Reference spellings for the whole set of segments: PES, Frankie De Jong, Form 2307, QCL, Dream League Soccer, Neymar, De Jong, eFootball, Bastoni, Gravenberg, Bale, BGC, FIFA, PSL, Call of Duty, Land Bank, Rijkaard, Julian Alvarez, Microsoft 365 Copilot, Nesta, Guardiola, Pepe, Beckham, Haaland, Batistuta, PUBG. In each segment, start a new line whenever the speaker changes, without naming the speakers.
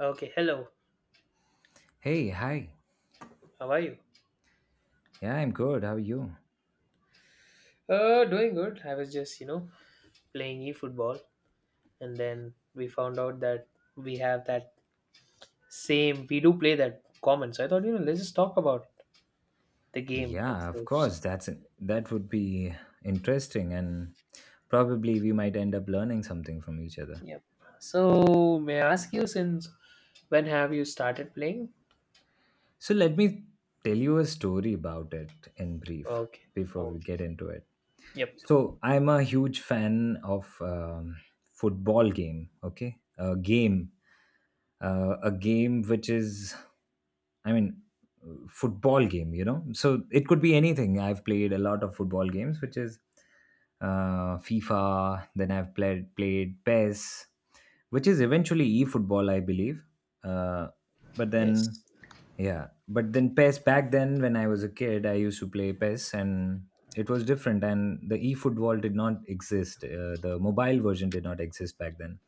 Okay, hello.
Hey, hi.
How are you?
Yeah, I'm good. How are you?
Doing good. I was just, playing eFootball and then we found out that we have that same, we do play that common. So I thought, let's just talk about the game
Yeah, of course.
itself.
That would be interesting, and probably we might end up learning something from each other.
Yep. So may I ask you since when have you started playing?
So let me tell you a story about it in brief
Okay.
before we
Okay.
get into it.
Yep.
So I'm a huge fan of football game. Okay, a game, which is, I mean, football game. You know, so it could be anything. I've played a lot of football games, which is FIFA. Then I've played PES, which is eventually eFootball, I believe. Uh, but
Yes.
then, yeah, but then PES back then, when I was a kid, I used to play PES, and it was different. And the eFootball did not exist. The mobile version did not exist back then.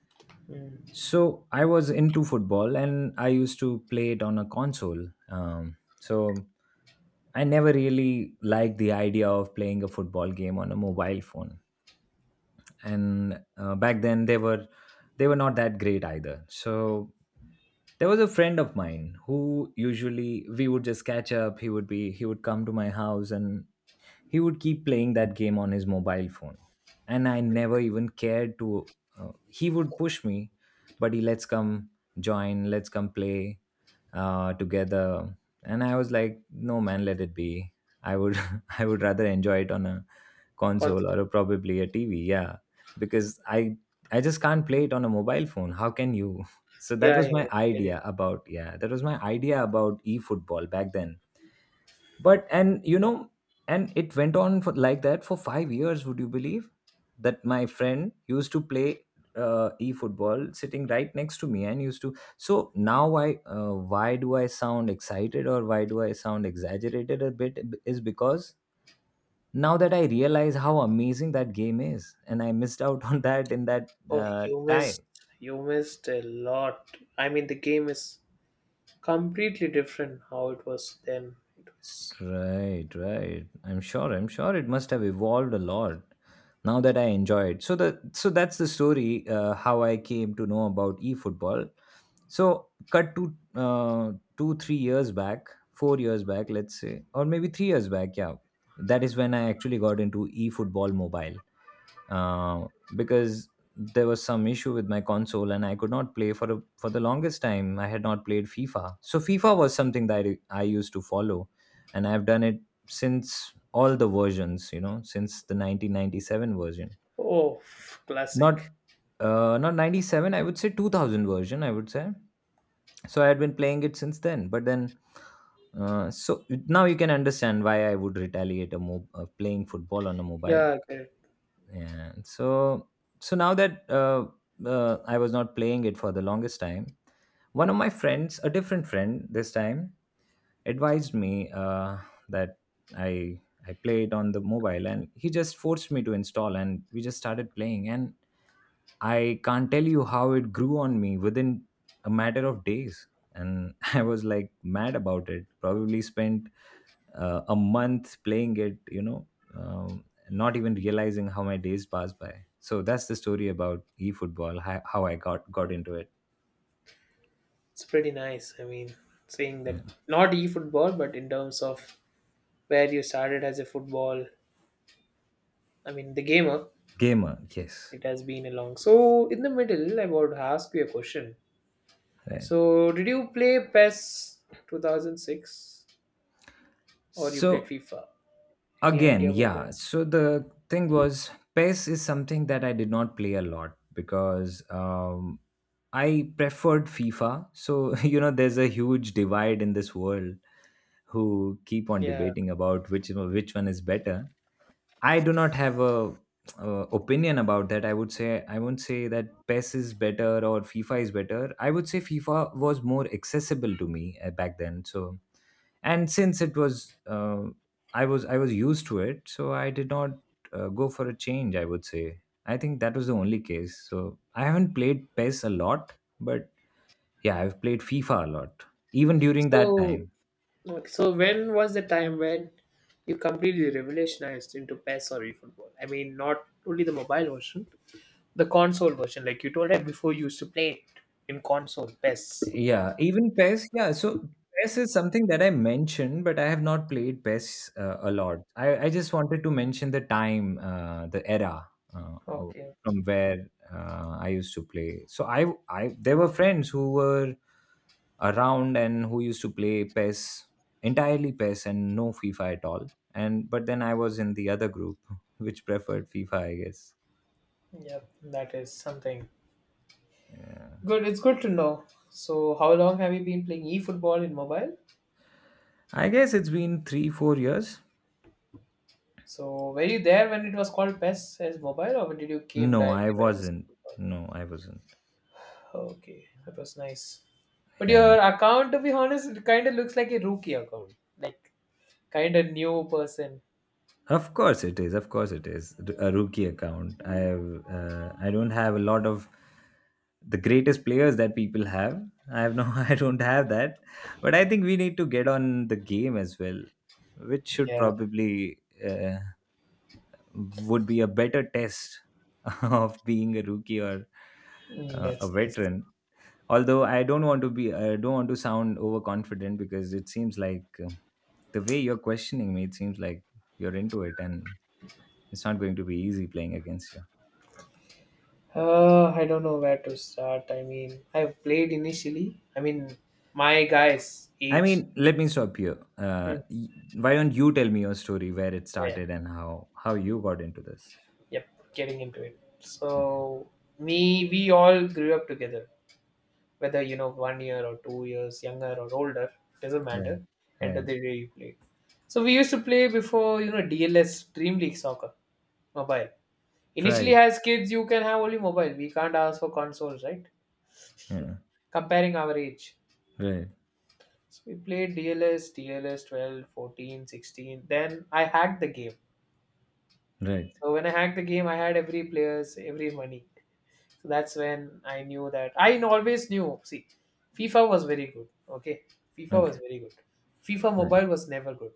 Mm.
So I was into football, and I used to play it on a console. So I never really liked the idea of playing a football game on a mobile phone, and back then they were, they were not that great either. So there was a friend of mine who, usually, we would just catch up. He would come to my house, and he would keep playing that game on his mobile phone. And I never even cared to. He would push me, "Buddy, let's come join, let's come play together." And I was like, "No, man, let it be. I would I would rather enjoy it on a console,
Console.
or probably a TV, yeah. Because I just can't play it on a mobile phone. How can you?" So that
Yeah, yeah,
was
I
my
get it.
idea about, yeah, that was my idea about eFootball back then. But, and you know and it went on for like that for 5 years. Would you believe that my friend used to play e-football sitting right next to me, and used to. So now I Why do I sound excited, or why do I sound exaggerated a bit? Is because now that I realize how amazing that game is, and I missed out on that, in that
Oh,
uh, time.
you missed a lot. I mean, the game is completely different how it was then. It was.
Right, right. I'm sure. I'm sure it must have evolved a lot now that I enjoy it. So that's the story, how I came to know about eFootball. So cut to two, 3 years back, 4 years back, let's say, or maybe 3 years back. Yeah, that is when I actually got into eFootball mobile, uh, because there was some issue with my console, and I could not play for for the longest time. I had not played FIFA, so FIFA was something that I used to follow, and I've done it since all the versions. You know, since the 1997 version.
Oh,
Not
classic.
not 97, I would say. 2000 version, I would say. So I had been playing it since then, but then. So now you can understand why I would retaliate, playing football on a mobile.
Yeah, correct.
And so now that I was not playing it for the longest time, one of my friends, a different friend this time, advised me that i I play it on the mobile, and he just forced me to install, and we just started playing. And I can't tell you how it grew on me within a matter of days. And I was like mad about it. Probably spent a month playing it, um, not even realizing how my days passed by. So that's the story about eFootball, how I got into it.
It's pretty nice. I mean, saying that not e-football, but in terms of where you started as a football, I mean the gamer,
Gamer, yes.
it has been along. So in the middle, I would ask you a question.
Right.
So did you play PES 2006 or you played
So
FIFA? Any
Again,
idea about
yeah.
that?
So the thing was, PES is something that I did not play a lot, because I preferred FIFA. So you know, there's a huge divide in this world, who keep on
Yeah.
debating about which one is better. I do not have a, opinion about that. I would say, I won't say that PES is better or FIFA is better. I would say FIFA was more accessible to me, back then. So and since it was, I was used to it, so I did not go for a change, I would say. I think that was the only case. So I haven't played PES a lot, but yeah, I've played FIFA a lot, even during that
So
time.
Okay, so when was the time when you completely revolutionized into PES or eFootball? I mean, not only the mobile version, the console version. Like you told, right before you used to play it in console PES.
Yeah, even PES. Yeah, so PES is something that I mentioned, but I have not played PES a lot. I just wanted to mention the time, the era of-
Okay,
from where I used to play. So I, there were friends who were around, and who used to play PES, entirely PES and no FIFA at all. And but then I was in the other group, which preferred FIFA, I guess.
yep, that is something
Yeah.
good. It's good to know. So, how long have you been playing eFootball in mobile?
I guess it's been three, 4 years.
So, were you there when it was called PES as mobile, or when did you came
No, I
directly when it was
wasn't.
eFootball?
No, I wasn't.
Okay, that was nice. But
Yeah,
your account, to be honest, it kind of looks like a rookie account, like kind of new person.
of course it is. Of course it is a rookie account. I don't have a lot of the greatest players that people have. I have no. I don't have that. But I think we need to get on the game as well, which should
Yeah,
probably uh, would be a better test of being a rookie, or
mm,
a
that's nice.
veteran. Although I don't want to be I don't want to sound overconfident, because it seems like, the way you're questioning me, it seems like you're into it, and it's not going to be easy playing against you.
I don't know where to start. I mean, I've played initially. I mean, my guys
I
age.
mean, let me stop here. uh,
Hmm.
y- why don't you tell me your story, where it
Yeah, yeah.
started and how you got into this?
Yep, getting into it.
Okay.
So, me, we all grew up together. Whether you know 1 year or 2 years younger or older doesn't matter.
Right,
End of
right,
the day, you play. So we used to play before, dls, dream league soccer mobile. Initially,
right,
as kids, you can have only mobile. We can't ask for consoles, right?
yeah,
Comparing our age.
right,
So we played dls dls 12 14, 16. Then I hacked the game.
right.
So when I hacked the game, I had every players, every money. So that's when I knew that I always knew. See, FIFA was very good. Okay, FIFA was
Okay,
very good. FIFA
right.
Mobile was never good.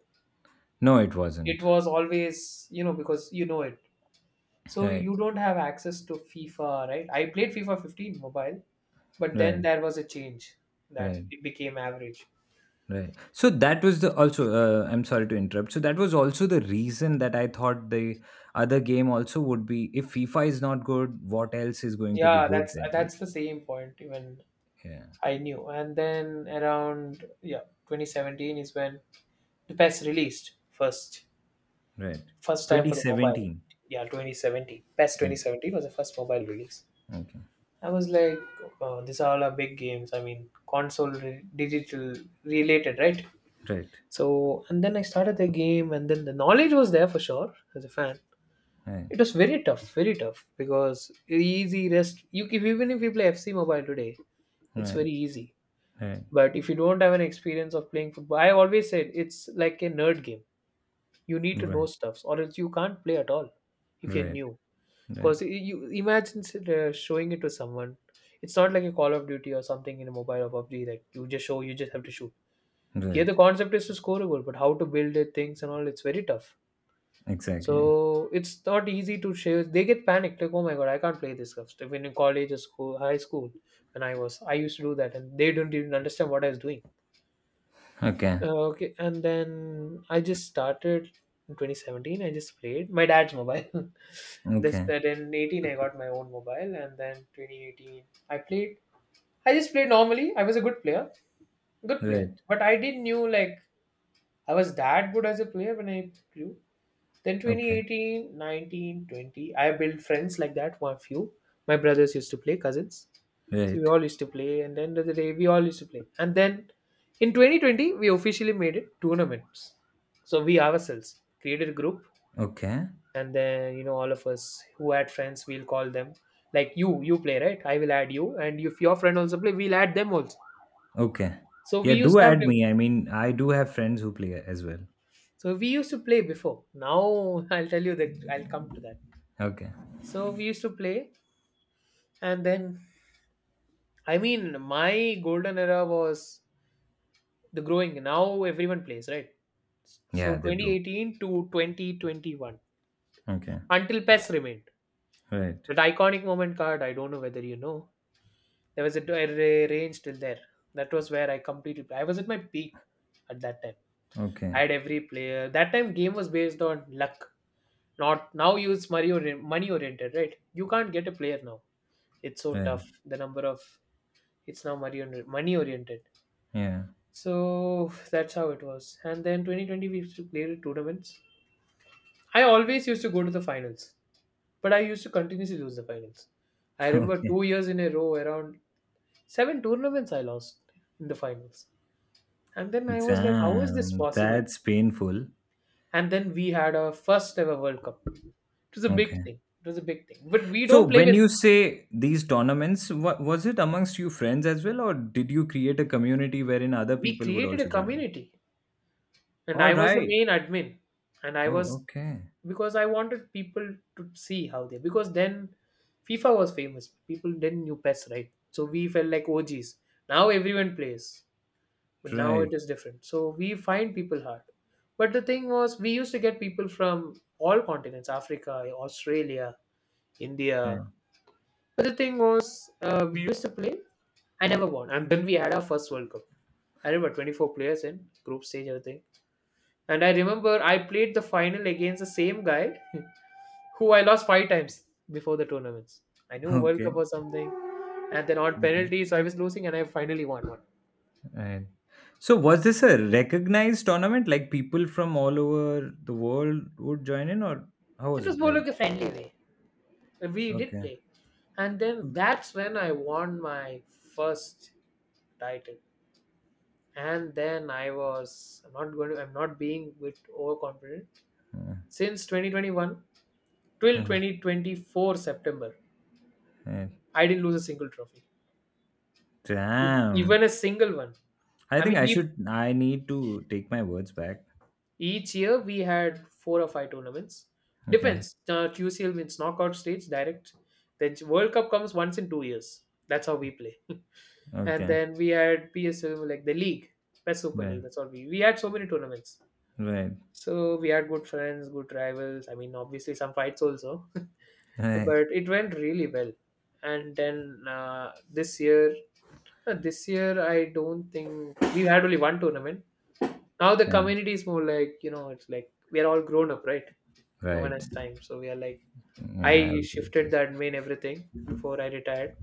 No, it
It
wasn't.
was always, because you know it. So
Right,
you don't have access to FIFA, right? I played FIFA 15 mobile, but then
right,
there was a change that
right.
it became average.
Right. So that was the also. I'm sorry to interrupt. So that was also the reason that I thought the other game also would be, if FIFA is not good, what else is going to be
Yeah,
good
that's
then, you know?
that's the same point even
Yeah.
I knew. And then around, yeah, 2017 is when the PES released first.
Right.
First time for the mobile.
2017.
Yeah, 2017. Best
Okay.
2017 was the first mobile release.
Okay.
I was like, oh, these are all our big games. I mean, console digital related, right?
Right.
So and then I started the game, and then the knowledge was there for sure as a fan.
Right.
It was very tough, very tough. Because easy rest you if even if you play fc mobile today, it's
Right.
very easy.
Right.
But if you don't have an experience of playing football, I always said it's like a nerd game. You need to know
Right.
stuffs or else you can't play at all if you're
Right.
new.
Right.
Because you imagine showing it to someone. It's not like a Call of Duty or something in a mobile or PUBG that you just show, you just have to shoot. Here
Right.
the concept is to score a goal, but how to build it, things and all, it's very tough.
Exactly.
So it's not easy to share. They get panicked like, oh my god, I can't play this stuff. Even in college or school, high school, when I was, I used to do that, and they don't even understand what I was doing.
Okay.
Okay, and then I just started in 2017. I just played my dad's mobile. This
Okay.
that in 18 I got my own mobile, and then 2018 I played. I just played normally. I was a good player,
Right.
but I didn't knew like I was that good as a player when I grew. Then
Okay.
2018, 19, 20, I built friends like that. One few, my brothers used to play, cousins, so we
Right.
all used to play, and then the other day we all used to play, and then in 2020 we officially made it tournaments. So we ourselves created a group,
Okay.
and then all of us who had friends, we'll call them like, you play, right? I will add you, and if your friend also play, we'll add them also.
Okay.
So we
Yeah.
used
Do
to have
add
to.
me. I mean, I do have friends who play as well.
So we used to play before. Now I'll tell you that. I'll come to that.
Okay.
So we used to play, and then, I mean, my golden era was the growing. Now everyone plays, right? So
Yeah, they do.
2018 to 2021
Okay,
until PES remained
right.
that iconic moment card. I don't know whether you know. There was a range till there. That was where I completely. I was at my peak at that time.
Okay,
I had every player. That time game was based on luck. Not now, you it's money money oriented, right? You can't get a player now. It's so
right.
tough. The number of it's now money money oriented.
Yeah.
So that's how it was. And then 2020 we used to play the tournaments. I always used to go to the finals, but I used to continuously lose the finals. I remember
Okay.
2 years in a row, around seven tournaments I lost in the finals. And then I was like, how is this
Damn,
possible?
that's painful.
And then we had our first ever World Cup. It was a big
Okay.
thing. It was a big thing. But we
So
don't play
when
with.
you say these tournaments, wa was it amongst you friends as well, or did you create a community wherein other
We
people would
created a
also join in?
community. And
All
I was the
right.
main admin. And I
Oh,
was,
okay.
because I wanted people to see how they, because then FIFA was famous. People didn't knew PES, right? So we felt like OGs. Now everyone plays, but now it
Right.
is different. So we find people hard. But the thing was, we used to get people from all continents: Africa, Australia, India.
Right.
But the thing was, we used to play. I never won. And then we had our first World Cup. I remember 24 players in group stage, everything. And I remember I played the final against the same guy who I lost five times before the tournaments. I knew World Cup
Okay.
or something. And then on
Okay.
penalties, I was losing and I finally won one.
Right. So was this a recognized tournament? Like, people from all over the world would join in, or how
It
was
was
it
more
like?
like a friendly way. We did
Okay.
play. And then that's when I won my first title. And then I was I'm not going to I'm not being bit overconfident.
Uh,
Since 2021 till
uh,
2024 September,
right.
I didn't lose a single trophy, if, even
Damn.
a single one.
I
I
think
mean,
I
we
should, I need to take my words back.
each year we had four or five tournaments.
Okay.
Depends. QCL means knockout stage direct. Then World Cup comes once in 2 years. That's how we play. And
Okay.
then we had PSL like the league, best super league.
Right.
That's all we had so many tournaments.
Right.
So we had good friends, good rivals. I mean, obviously some fights also,
Right.
but it went really well. And then this year I don't think we had only one tournament. Now the
Right.
community is more like, it's like we are all grown up, right? No one
Right.
has time, so we are like
Yeah. I
I
will take
shifted the
this.
admin everything before I retired.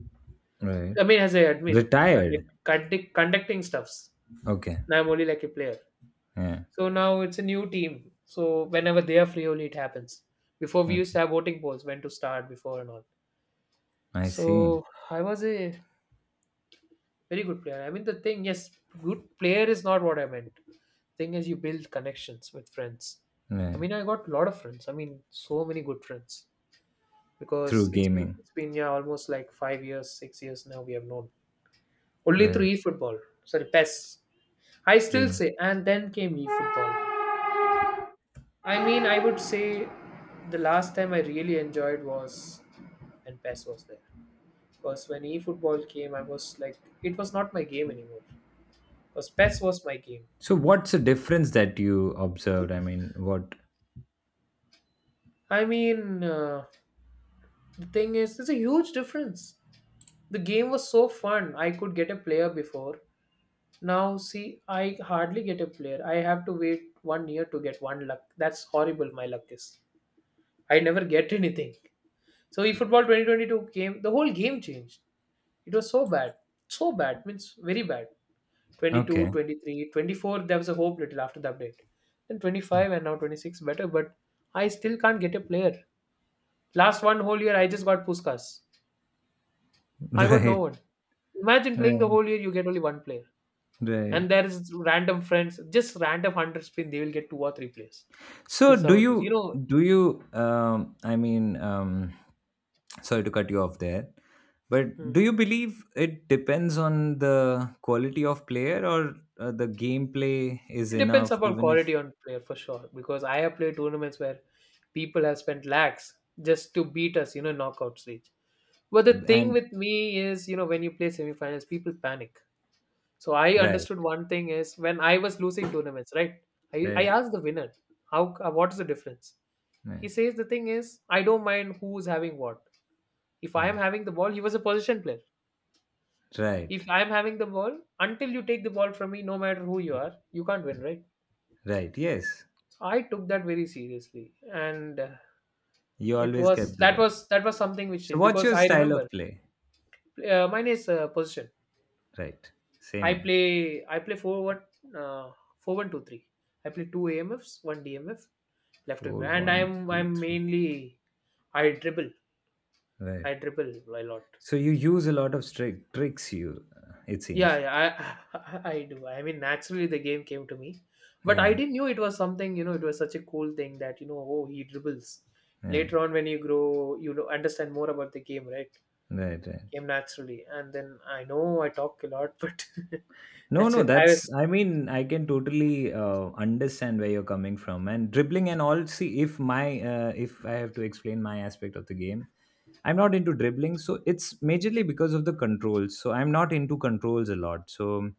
Right.
I mean, as a admin,
Retired.
conducting stuffs.
Okay.
Now I'm only like a player.
Yeah.
So now it's a new team. So whenever they are free, only it happens. Before we used
Okay.
to have voting polls when to start, before and all.
I see.
So I was a very good player. I mean, the thing, yes, good player is not what I meant. Thing is, you build connections with friends. I
Right.
mean, I got a lot of friends. I mean, so many good friends because
Through
it's been
gaming.
it's been yeah almost like 5 years, 6 years now we have known only
Right.
through eFootball. Sorry, PES. I still
Right.
say, and then came eFootball. I mean, I would say the last time I really enjoyed was when PES was there. Because when eFootball came, I was like, it was not my game anymore. Because PES was my game.
So what's the difference that you observed? I mean, what.
I mean, the thing is, there's a huge difference. The game was so fun. I could get a player before. Now, see, I hardly get a player. I have to wait 1 year to get one luck. That's horrible, my luck is. I never get anything. So, eFootball 2022 came, the whole game changed. It was so bad, means very bad. 22,
Okay.
23, 24. There was a hope little after the update. Then 25 and now 26 better, but I still can't get a player. Last one whole year, I just got Puskas. I got no
Right.
one. Imagine playing the
Right.
whole year, you get only one player.
Right.
And there is random friends, just random 100 spin, they will get two or three players.
So
This is how it was.
do you I mean, sorry to cut you off there, but
Hmm.
do you believe it depends on the quality of player, or the gameplay is
It depends
enough,
upon
even if.
quality on player for sure. Because I have played tournaments where people have spent lakhs just to beat us, in knockout stage. But the thing
And
with me is, when you play semifinals, people panic. So I understood
right,
one thing is when I was losing tournaments, right? I
right,
asked the winner, how what is the difference?
right,
He says the thing is, I don't mind who's having what. If I am
right,
having the ball, he was a position player.
right,
If I am having the ball, until you take the ball from me, no matter who you are, you can't win, right?
right, yes.
So I took that very seriously, and
You
it
always
was
kept the
that
ball.
was that was something which
So
changed
what's
because
your
I
style
remember
of play?
mine is position.
Right, same
I
here.
play I play uh, 4-1-2-3. I play two AMFs, one DMF, left wing,
four
and
one
I'm
two
I'm
three
mainly I dribble.
Right.
I dribble a lot.
So you use a lot of tricks, you, it
Yeah,
seems.
yeah, I I do. I mean, naturally the game came to me, but I
Yeah,
didn't knew it was something. It was such a cool thing that oh, he dribbles.
yeah.
Later on, when you grow, understand more about the game, right?
Right, right.
Came naturally, and then I know I talk a lot, but
No,
that's
no,
it. I was.
that's, I mean, I can totally understand where you're coming from. And dribbling and all, see, if I have to explain my aspect of the game, I'm not into dribbling. So it's majorly because of the controls. So I'm not into controls a lot. So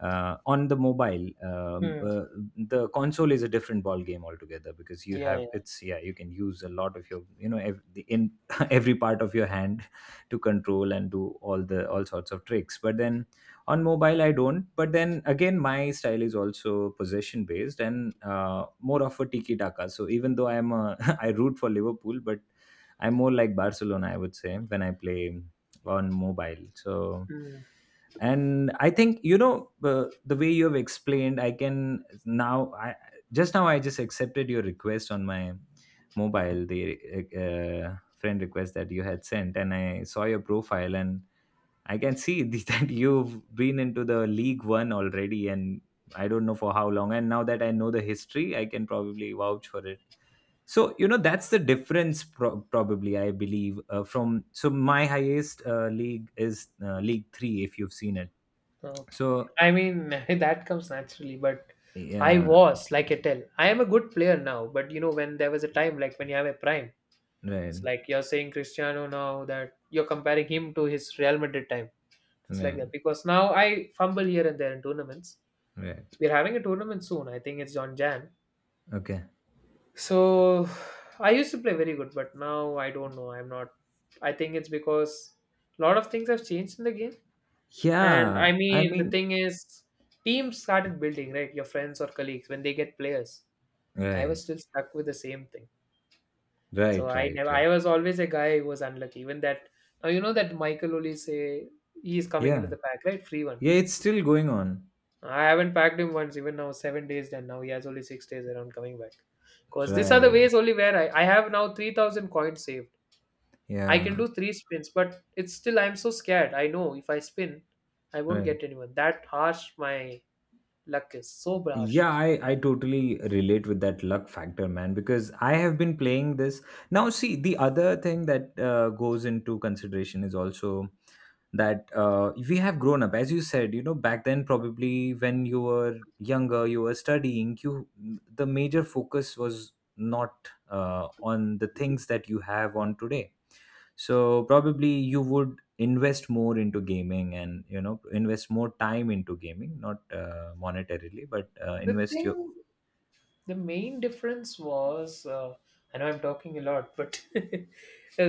on the mobile,
Hmm.
the console is a different ball game altogether, because you
Yeah,
have,
yeah.
it's, yeah, you can use a lot of your, you know, ev- the in every part of your hand to control, and do all all sorts of tricks. But then, on mobile I don't. But then again, my style is also possession based and more of a tiki taka. So, even though I'm a, I root for Liverpool, but I'm more like Barcelona, I would say, when I play on mobile. So
Hmm.
and I think, the way you have explained, I just accepted your request on my mobile, the friend request that you had sent, and I saw your profile. And I can see that you've been into the League One already, and I don't know for how long. And now that I know the history, I can probably vouch for it. So, that's the difference, probably, I believe. From my highest league is League Three, if you've seen it.
Okay.
So
I mean, that comes naturally, but I
yeah,
was, like I tell, I am a good player now. But when there was a time, like when you have a prime, it's
right,
like you're saying Cristiano now that you're comparing him to his Real Madrid time. It's like
right,
that because now I fumble here and there in tournaments.
right.
We're having a tournament soon. I think it's on Jan.
Okay.
So I used to play very good, but now I don't know. I'm not. I think it's because a lot of things have changed in the game. And
Yeah,
I
I
mean, the
mean,
thing is, teams started building, right? Your friends or colleagues when they get players. I
right,
was still stuck with the same thing. So
right,
I
right,
never. I
right.
was always a guy who was unlucky. Even that now you know that Michael Oli say he is coming into
Yeah,
the pack, right? Free one.
yeah. It's still going on.
I haven't packed him once. Even now, 7 days done. Now he has only 6 days around coming back. Cause these are the
Right.
ways only where I have now 3,000 coins saved. I can
Yeah.
do three spins, but it's still I'm so scared. I know if I spin, I won't
Right.
get anyone. That harsh my luck is so brash.
Yeah, I totally relate with that luck factor, man, because I have been playing this. Now, see, the other thing that goes into consideration is also that we have grown up. As you said, you know, back then, probably when you were younger, you were studying, you the major focus was not on the things that you have on today, so probably you would invest more into gaming, and you know invest more time into gaming, not monetarily, but
The
invest your.
thing, the main difference was, I know I'm talking a lot, but the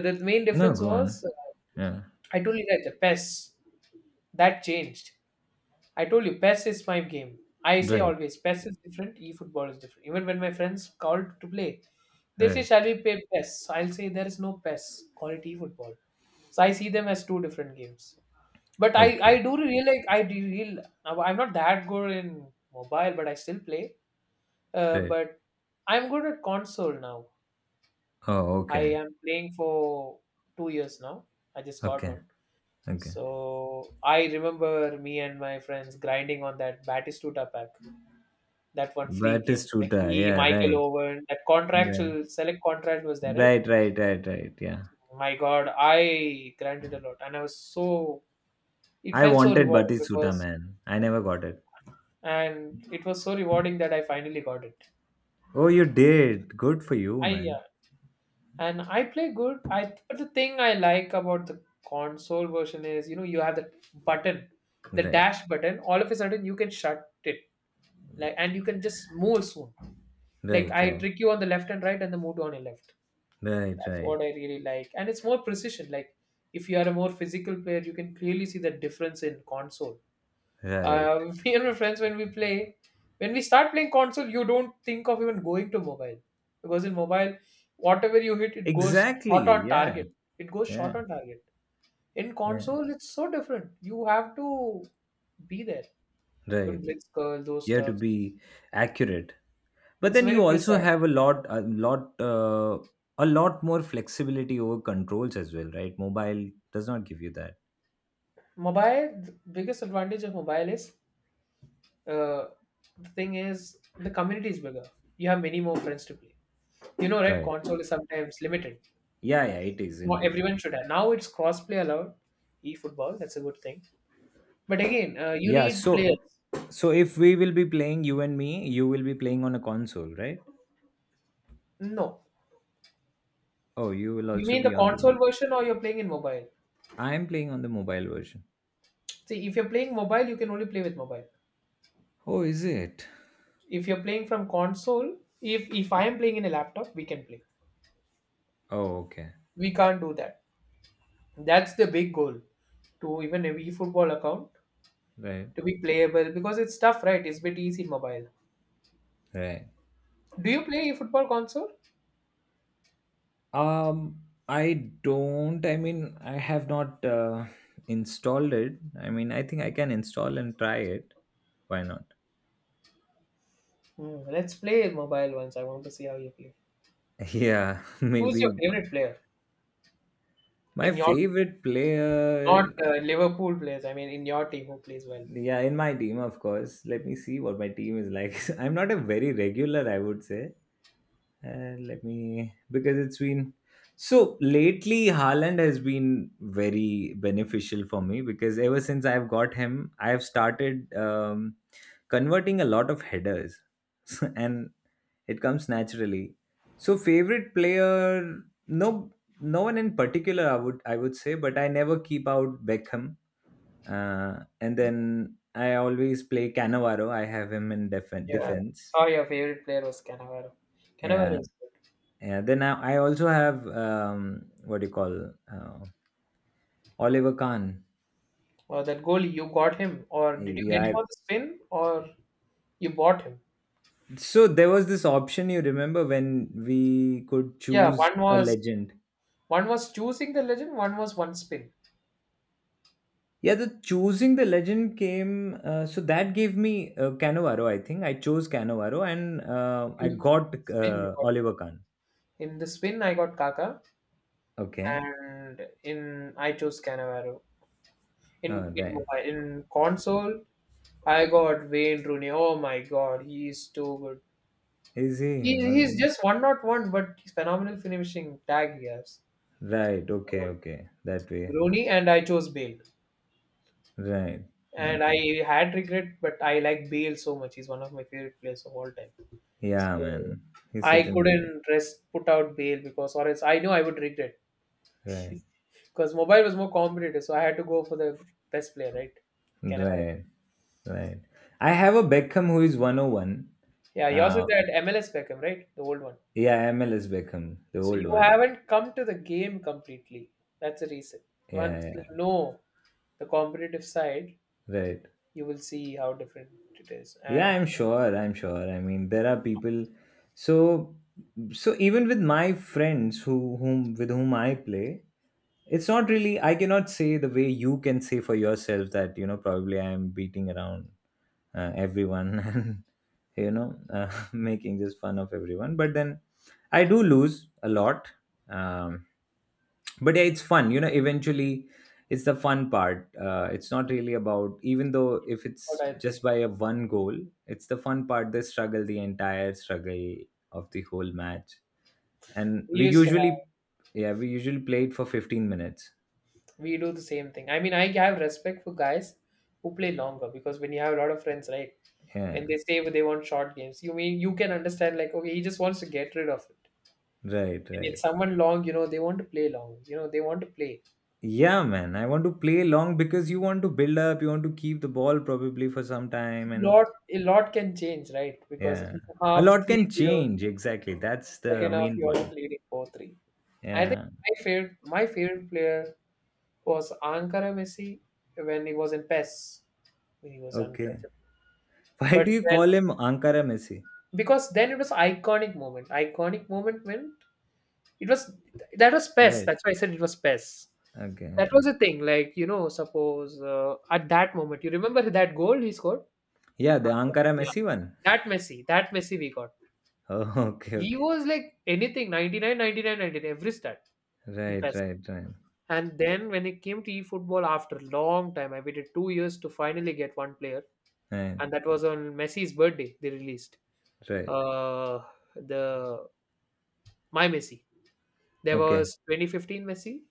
the main
No,
difference
go
was,
on. Yeah,
I told you that the PES, that changed. I told you, PES is my game. I say
right,
always, PES is different, eFootball is different. Even when my friends called to play, they say,
right.
shall we play PES? I'll say, there is no PES, call it eFootball. So I see them as two different games. But I
Okay.
do realize I do real I'm not that good in mobile, but I still play. Uh,
Right.
but I'm good at console now.
Oh,
I
okay,
am playing for 2 years now. I just got
okay,
one.
okay.
So I remember me and my friends grinding on that Batistuta pack. That one free came. Like
Batistuta,
he,
yeah,
Michael
right,
Owen, that
right,
contractual select contract was there, right?
right, right, right, right, yeah.
My God, I grinded a lot, and I was so. It
I
felt so
wanted
rewarding
Batistuta,
because,
man, I never got it.
and it was so rewarding that I finally got it.
Oh, you did, good for you,
I. Yeah.
man.
And I play good. I But the thing I like about the console version is you have the button, the
Right,
dash button. All of a sudden you can shut it, like and you can just move soon. Like
right,
I
right,
trick you on the left and right, and then move on your left.
right,
That's
right,
what I really like, and it's more precision. Like if you are a more physical player, you can clearly see the difference in console.
right.
Me and my friends, when we start playing console, you don't think of even going to mobile because in mobile, whatever you hit, it goes short
Exactly,
on
yeah,
target. It goes
yeah.
short on target. In
Yeah,
console, it's so different. You have to be there. Even
right.
blitz curl, those
You have to
stuff.
be accurate, but
It's
then
very
you also
precise.
have a lot, a lot, a lot more flexibility over controls as well, right? Mobile does not give you that.
Mobile, the biggest advantage of mobile is uh, the thing is the community is bigger. You have many more friends to play. You know, right?
Right.
Console is sometimes limited.
Yeah, yeah, it is
Well,
indeed.
everyone should have. Now it's cross-play allowed, e-football. That's a good thing. But again, you
Yeah.
need players.
So, so if we will be playing, you and me, you will be playing on a console, right?
No,
Oh, you will
you
also
mean the
be on the
console
mobile.
version, or you're playing in mobile?
I am playing on the mobile version.
See, if you're playing mobile, you can only play with mobile.
Oh, is it?
If you're playing from console, if I am playing in a laptop, we can play.
Oh, okay.
We can't do that. That's the big goal to even a e-football account
Right.
to be playable because it's tough, right? It's bit easy in mobile.
Right.
Do you play e-football console?
Um, I don't. I mean, I have not installed it. I mean, I think I can install and try it. Why not?
Let's play mobile once. I want to see how you play.
Yeah,
Who's your
maybe
favorite player?
my
In your team,
favorite
not
player.
Liverpool players. I mean, in your team, who plays well?
Yeah, in my team, of course. Let me see what my team is like. I'm not a very regular, I would say. Let me, because it's been so lately. Haaland has been very beneficial for me, because ever since I've got him, I've started converting a lot of headers, and it comes naturally. So favorite player, no, no one in particular, I would, I would say, but I never keep out Beckham, and then I always play Cannavaro. I have him in
Yeah. Wow.
defense.
Oh, your favorite player was Cannavaro. Cannavaro
Yeah.
is good.
Yeah. Then I also have what do you call, Oliver Kahn.
Or that goalie, you got him, or did you get him
Yeah.
on the spin, or you bought him?
So there was this option, you remember, when we could
Yeah,
choose
one
a
was
legend.
one was choosing the legend, one was one spin.
Yeah, the choosing the legend came. So that gave me Cannavaro. I think I chose Cannavaro, and I
You
got
spin, you got him.
Oliver Kahn.
In the spin, I got Kaka,
Okay.
and in I chose Cannavaro.
All
In
right.
mobile, in console, I got Wayne Rooney. Oh my God, he is too good.
Is he?
He's just one, not one, but he's phenomenal finishing tag he has.
Right, okay,
So,
okay. That way.
Rooney and I chose Bale,
Right.
and I
Okay.
had regret, but I like Bale so much. He's one of my favorite players of all time.
Yeah,
So
man. He's
I
such an amazing.
couldn't rest put out Bale because, or else I know I would regret
Right.
because mobile was more competitive. So I had to go for the best player, right? Canavaro.
Right. Right. I have a Beckham who is 101.
Yeah, yours is
Uh,
that MLS Beckham, right? The old one.
yeah, MLS Beckham, the
So you
old one.
haven't come to the game completely. That's the reason.
Yeah,
Once you
yeah.
know the competitive side,
Right.
you will see how different it is
Yeah,
and
I'm sure. I'm sure. I mean, there are people, so so even with my friends who whom with whom I play, it's not really, I cannot say the way you can say for yourself that, you know, probably I am beating around everyone and you know making just fun of everyone, but then I do lose a lot, um, but yeah, it's fun, you know, eventually it's the fun part, it's not really about, even though if
what
it's
I
just
think.
by a one goal, it's the fun part, the struggle, the entire struggle of the whole match, and
We
we
used to have,
usually, yeah, we usually play it for 15 minutes.
we do the same thing. I mean, I have respect for guys who play longer because when you have a lot of friends, right,
Yeah,
and they say they want short games, you mean you can understand like, okay, he just wants to get rid of it.
right,
And it's
right.
someone long, they want to play long, they want to play.
Yeah, man. I want to play long, because you want to build up, you want to keep the ball probably for some time, and
Lot a lot can change, right? Because
yeah,
in
a
half
lot
three
can
zero,
change. Exactly. That's the
second half
main
you are
point.
leading 4-3. I think
Yeah.
my favorite player was Ankara Messi when he was in PES. When he was
Okay.
untouchable.
Why
But
do you
then,
call him Ankara Messi?
because then it was iconic moment. Iconic moment when it was that was PES.
Right.
That's why I said it was PES.
Okay,
That was
okay.
the thing. Like suppose at that moment, you remember that goal he scored.
Yeah, the Ankara
Yeah,
Messi one.
that Messi we got.
Oh, okay,
He
okay.
was like anything 99, 99, 99. Every stat in
Right,
PES.
right, right.
And then when it came to e-football after long time, I waited 2 years to finally get one player.
Right,
And that was on Messi's birthday. They released
right.
uh, the My Messi. There
Okay.
was 2015 Messi,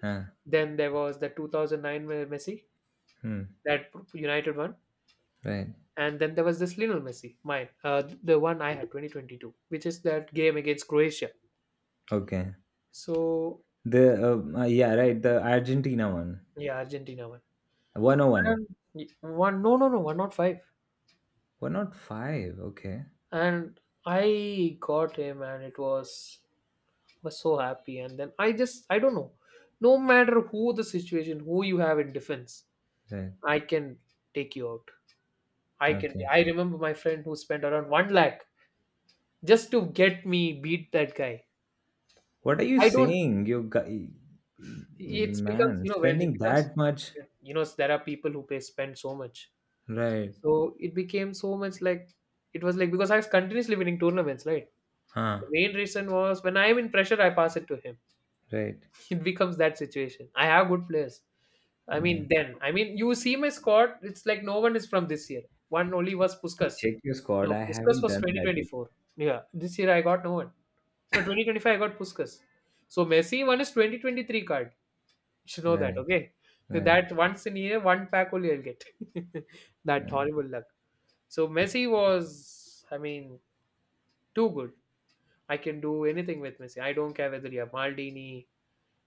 Huh.
then there was the 2009 Messi,
Hmm.
that United one,
Right.
and then there was this Lionel Messi, mine, the one I had 2022, which is that game against Croatia.
Okay.
So
The yeah, right, the Argentina one.
yeah, Argentina one, and
101.
one, no, no, no one, not five,
Why not five? Okay,
and I got him, and it was so happy. And then I don't know, no matter who the situation, who you have in defense,
right.
I can take you out.
Okay.
I remember my friend who spent around 1 lakh just to get me beat that guy.
What are you
I don't
saying? You guy,
It becomes,
man,
when it
spending
becomes,
that much?
there are people who pay, spend so much.
Right.
So it became so much, like, because I was continuously winning tournaments, right? The
Huh.
main reason was when I'm in pressure, I pass it to him.
Right.
It becomes that situation. I have good players. I
Okay.
mean, then I mean, you see my squad. It's like no one is from this year. One only was Puskas.
Check your squad.
No,
I
Puskas
haven't
was
done that yet.
2024. Yeah, this year I got no one. So 2025 I got Puskas. So Messi one is 2023 card. You should know that,
Right.
okay? So
Right.
that once in a year, one pack only I'll get. That
Right.
horrible luck. So Messi was, I mean, too good. I can do anything with Messi. I don't care whether you have Maldini,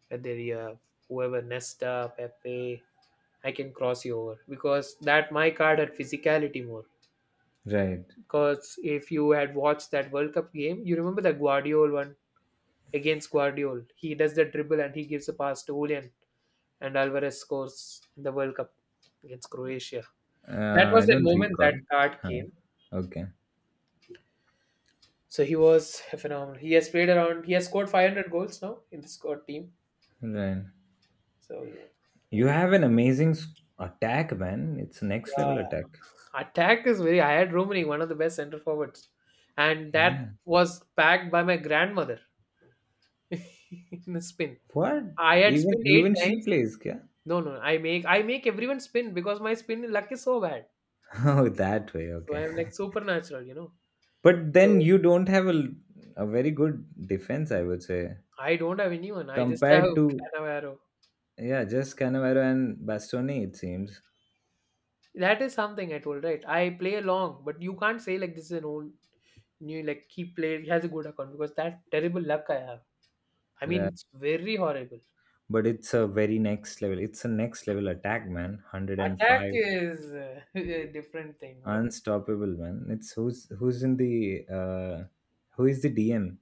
whether you have whoever Nesta, Pepe, I can cross you over because that my card had physicality more.
Right.
Because if you had watched that World Cup game, you remember the Guardiola one against Guardiola. He does the dribble and he gives a pass to Julian, and Alvarez scores in the World Cup against Croatia. That
I
was the
don't
moment that
recall.
card
Huh.
came.
Okay.
So he was phenomenal. He has played around. He has scored 500 goals now in the squad team.
Right.
So
You have an amazing attack, man. It's next
yeah,
level attack.
attack is very. I had Romani, one of the best center forwards, and that
Yeah.
was backed by my grandmother. In the spin.
What?
I had
Even
spin eight
even she
times.
plays, kya?
No, no, I make everyone spin because my spin luck is so bad.
Oh, that way.
So
Okay.
I'm like supernatural.
But then
So
you don't have a very good defense, I would say,
I don't have anyone. I just have
compared to,
Canavaro.
yeah, just Cannavaro and Bastoni, it seems.
That is something I told, right? I play along, but you can't say like this is an old new like he has a good account because that terrible luck I have. I mean
Yeah.
it's very horrible.
But it's a very next level. It's a next level attack, man. one Hundred and
Attack
five,
is a different thing. What
unstoppable, man. It's who's in the uh, who is the DM?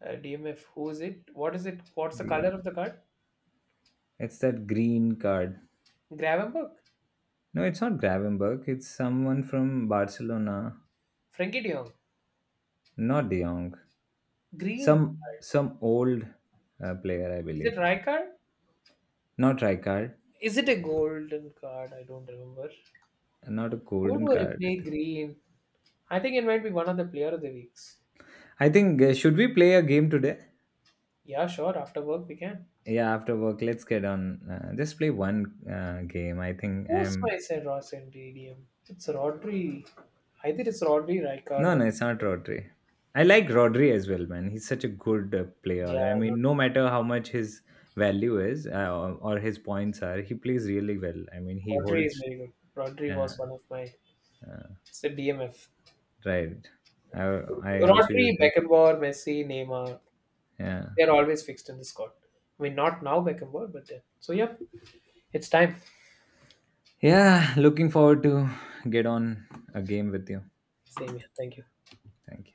DMF? Who's it? What is it? What's the
DM.
color of the card?
It's that green card.
Gravenberg,
No, it's not Gravenberg. It's someone from Barcelona,
Frankie De Jong.
not De Jong.
Green
Some
card.
some old player, I
Is it
believe.
Rai card?
Not Rijkaard.
Is it a golden card? I don't remember.
Not a
Who
golden
do I play
card.
green? I think it might be one of the player of the weeks.
I think, should we play a game today?
Yeah, sure. After work we can.
Yeah, after work, let's get on. Just play one game. I think
Who's my
I'm.
said Ross and DDM? It's Rodri. Either it's Rodri, Rijkaard,
No,
or
no, it's not Rodri. I like Rodri as well, man. He's such a good
yeah,
player. I mean, no matter how much his value is, or his points are, he plays really well. I mean,
Rodri.
he
Rodri is
holds.
very good. Rodri
Yeah,
was one of my.
uh,
It's a DMF.
right. I also use
Rodri,
him.
Beckenbauer, Messi, Neymar.
Yeah,
They're always fixed in the squad. I mean, not now Beckenbauer, but then. So yeah, it's time.
yeah. Looking forward to get on a game with you.
Same here. Thank you.
Thank you.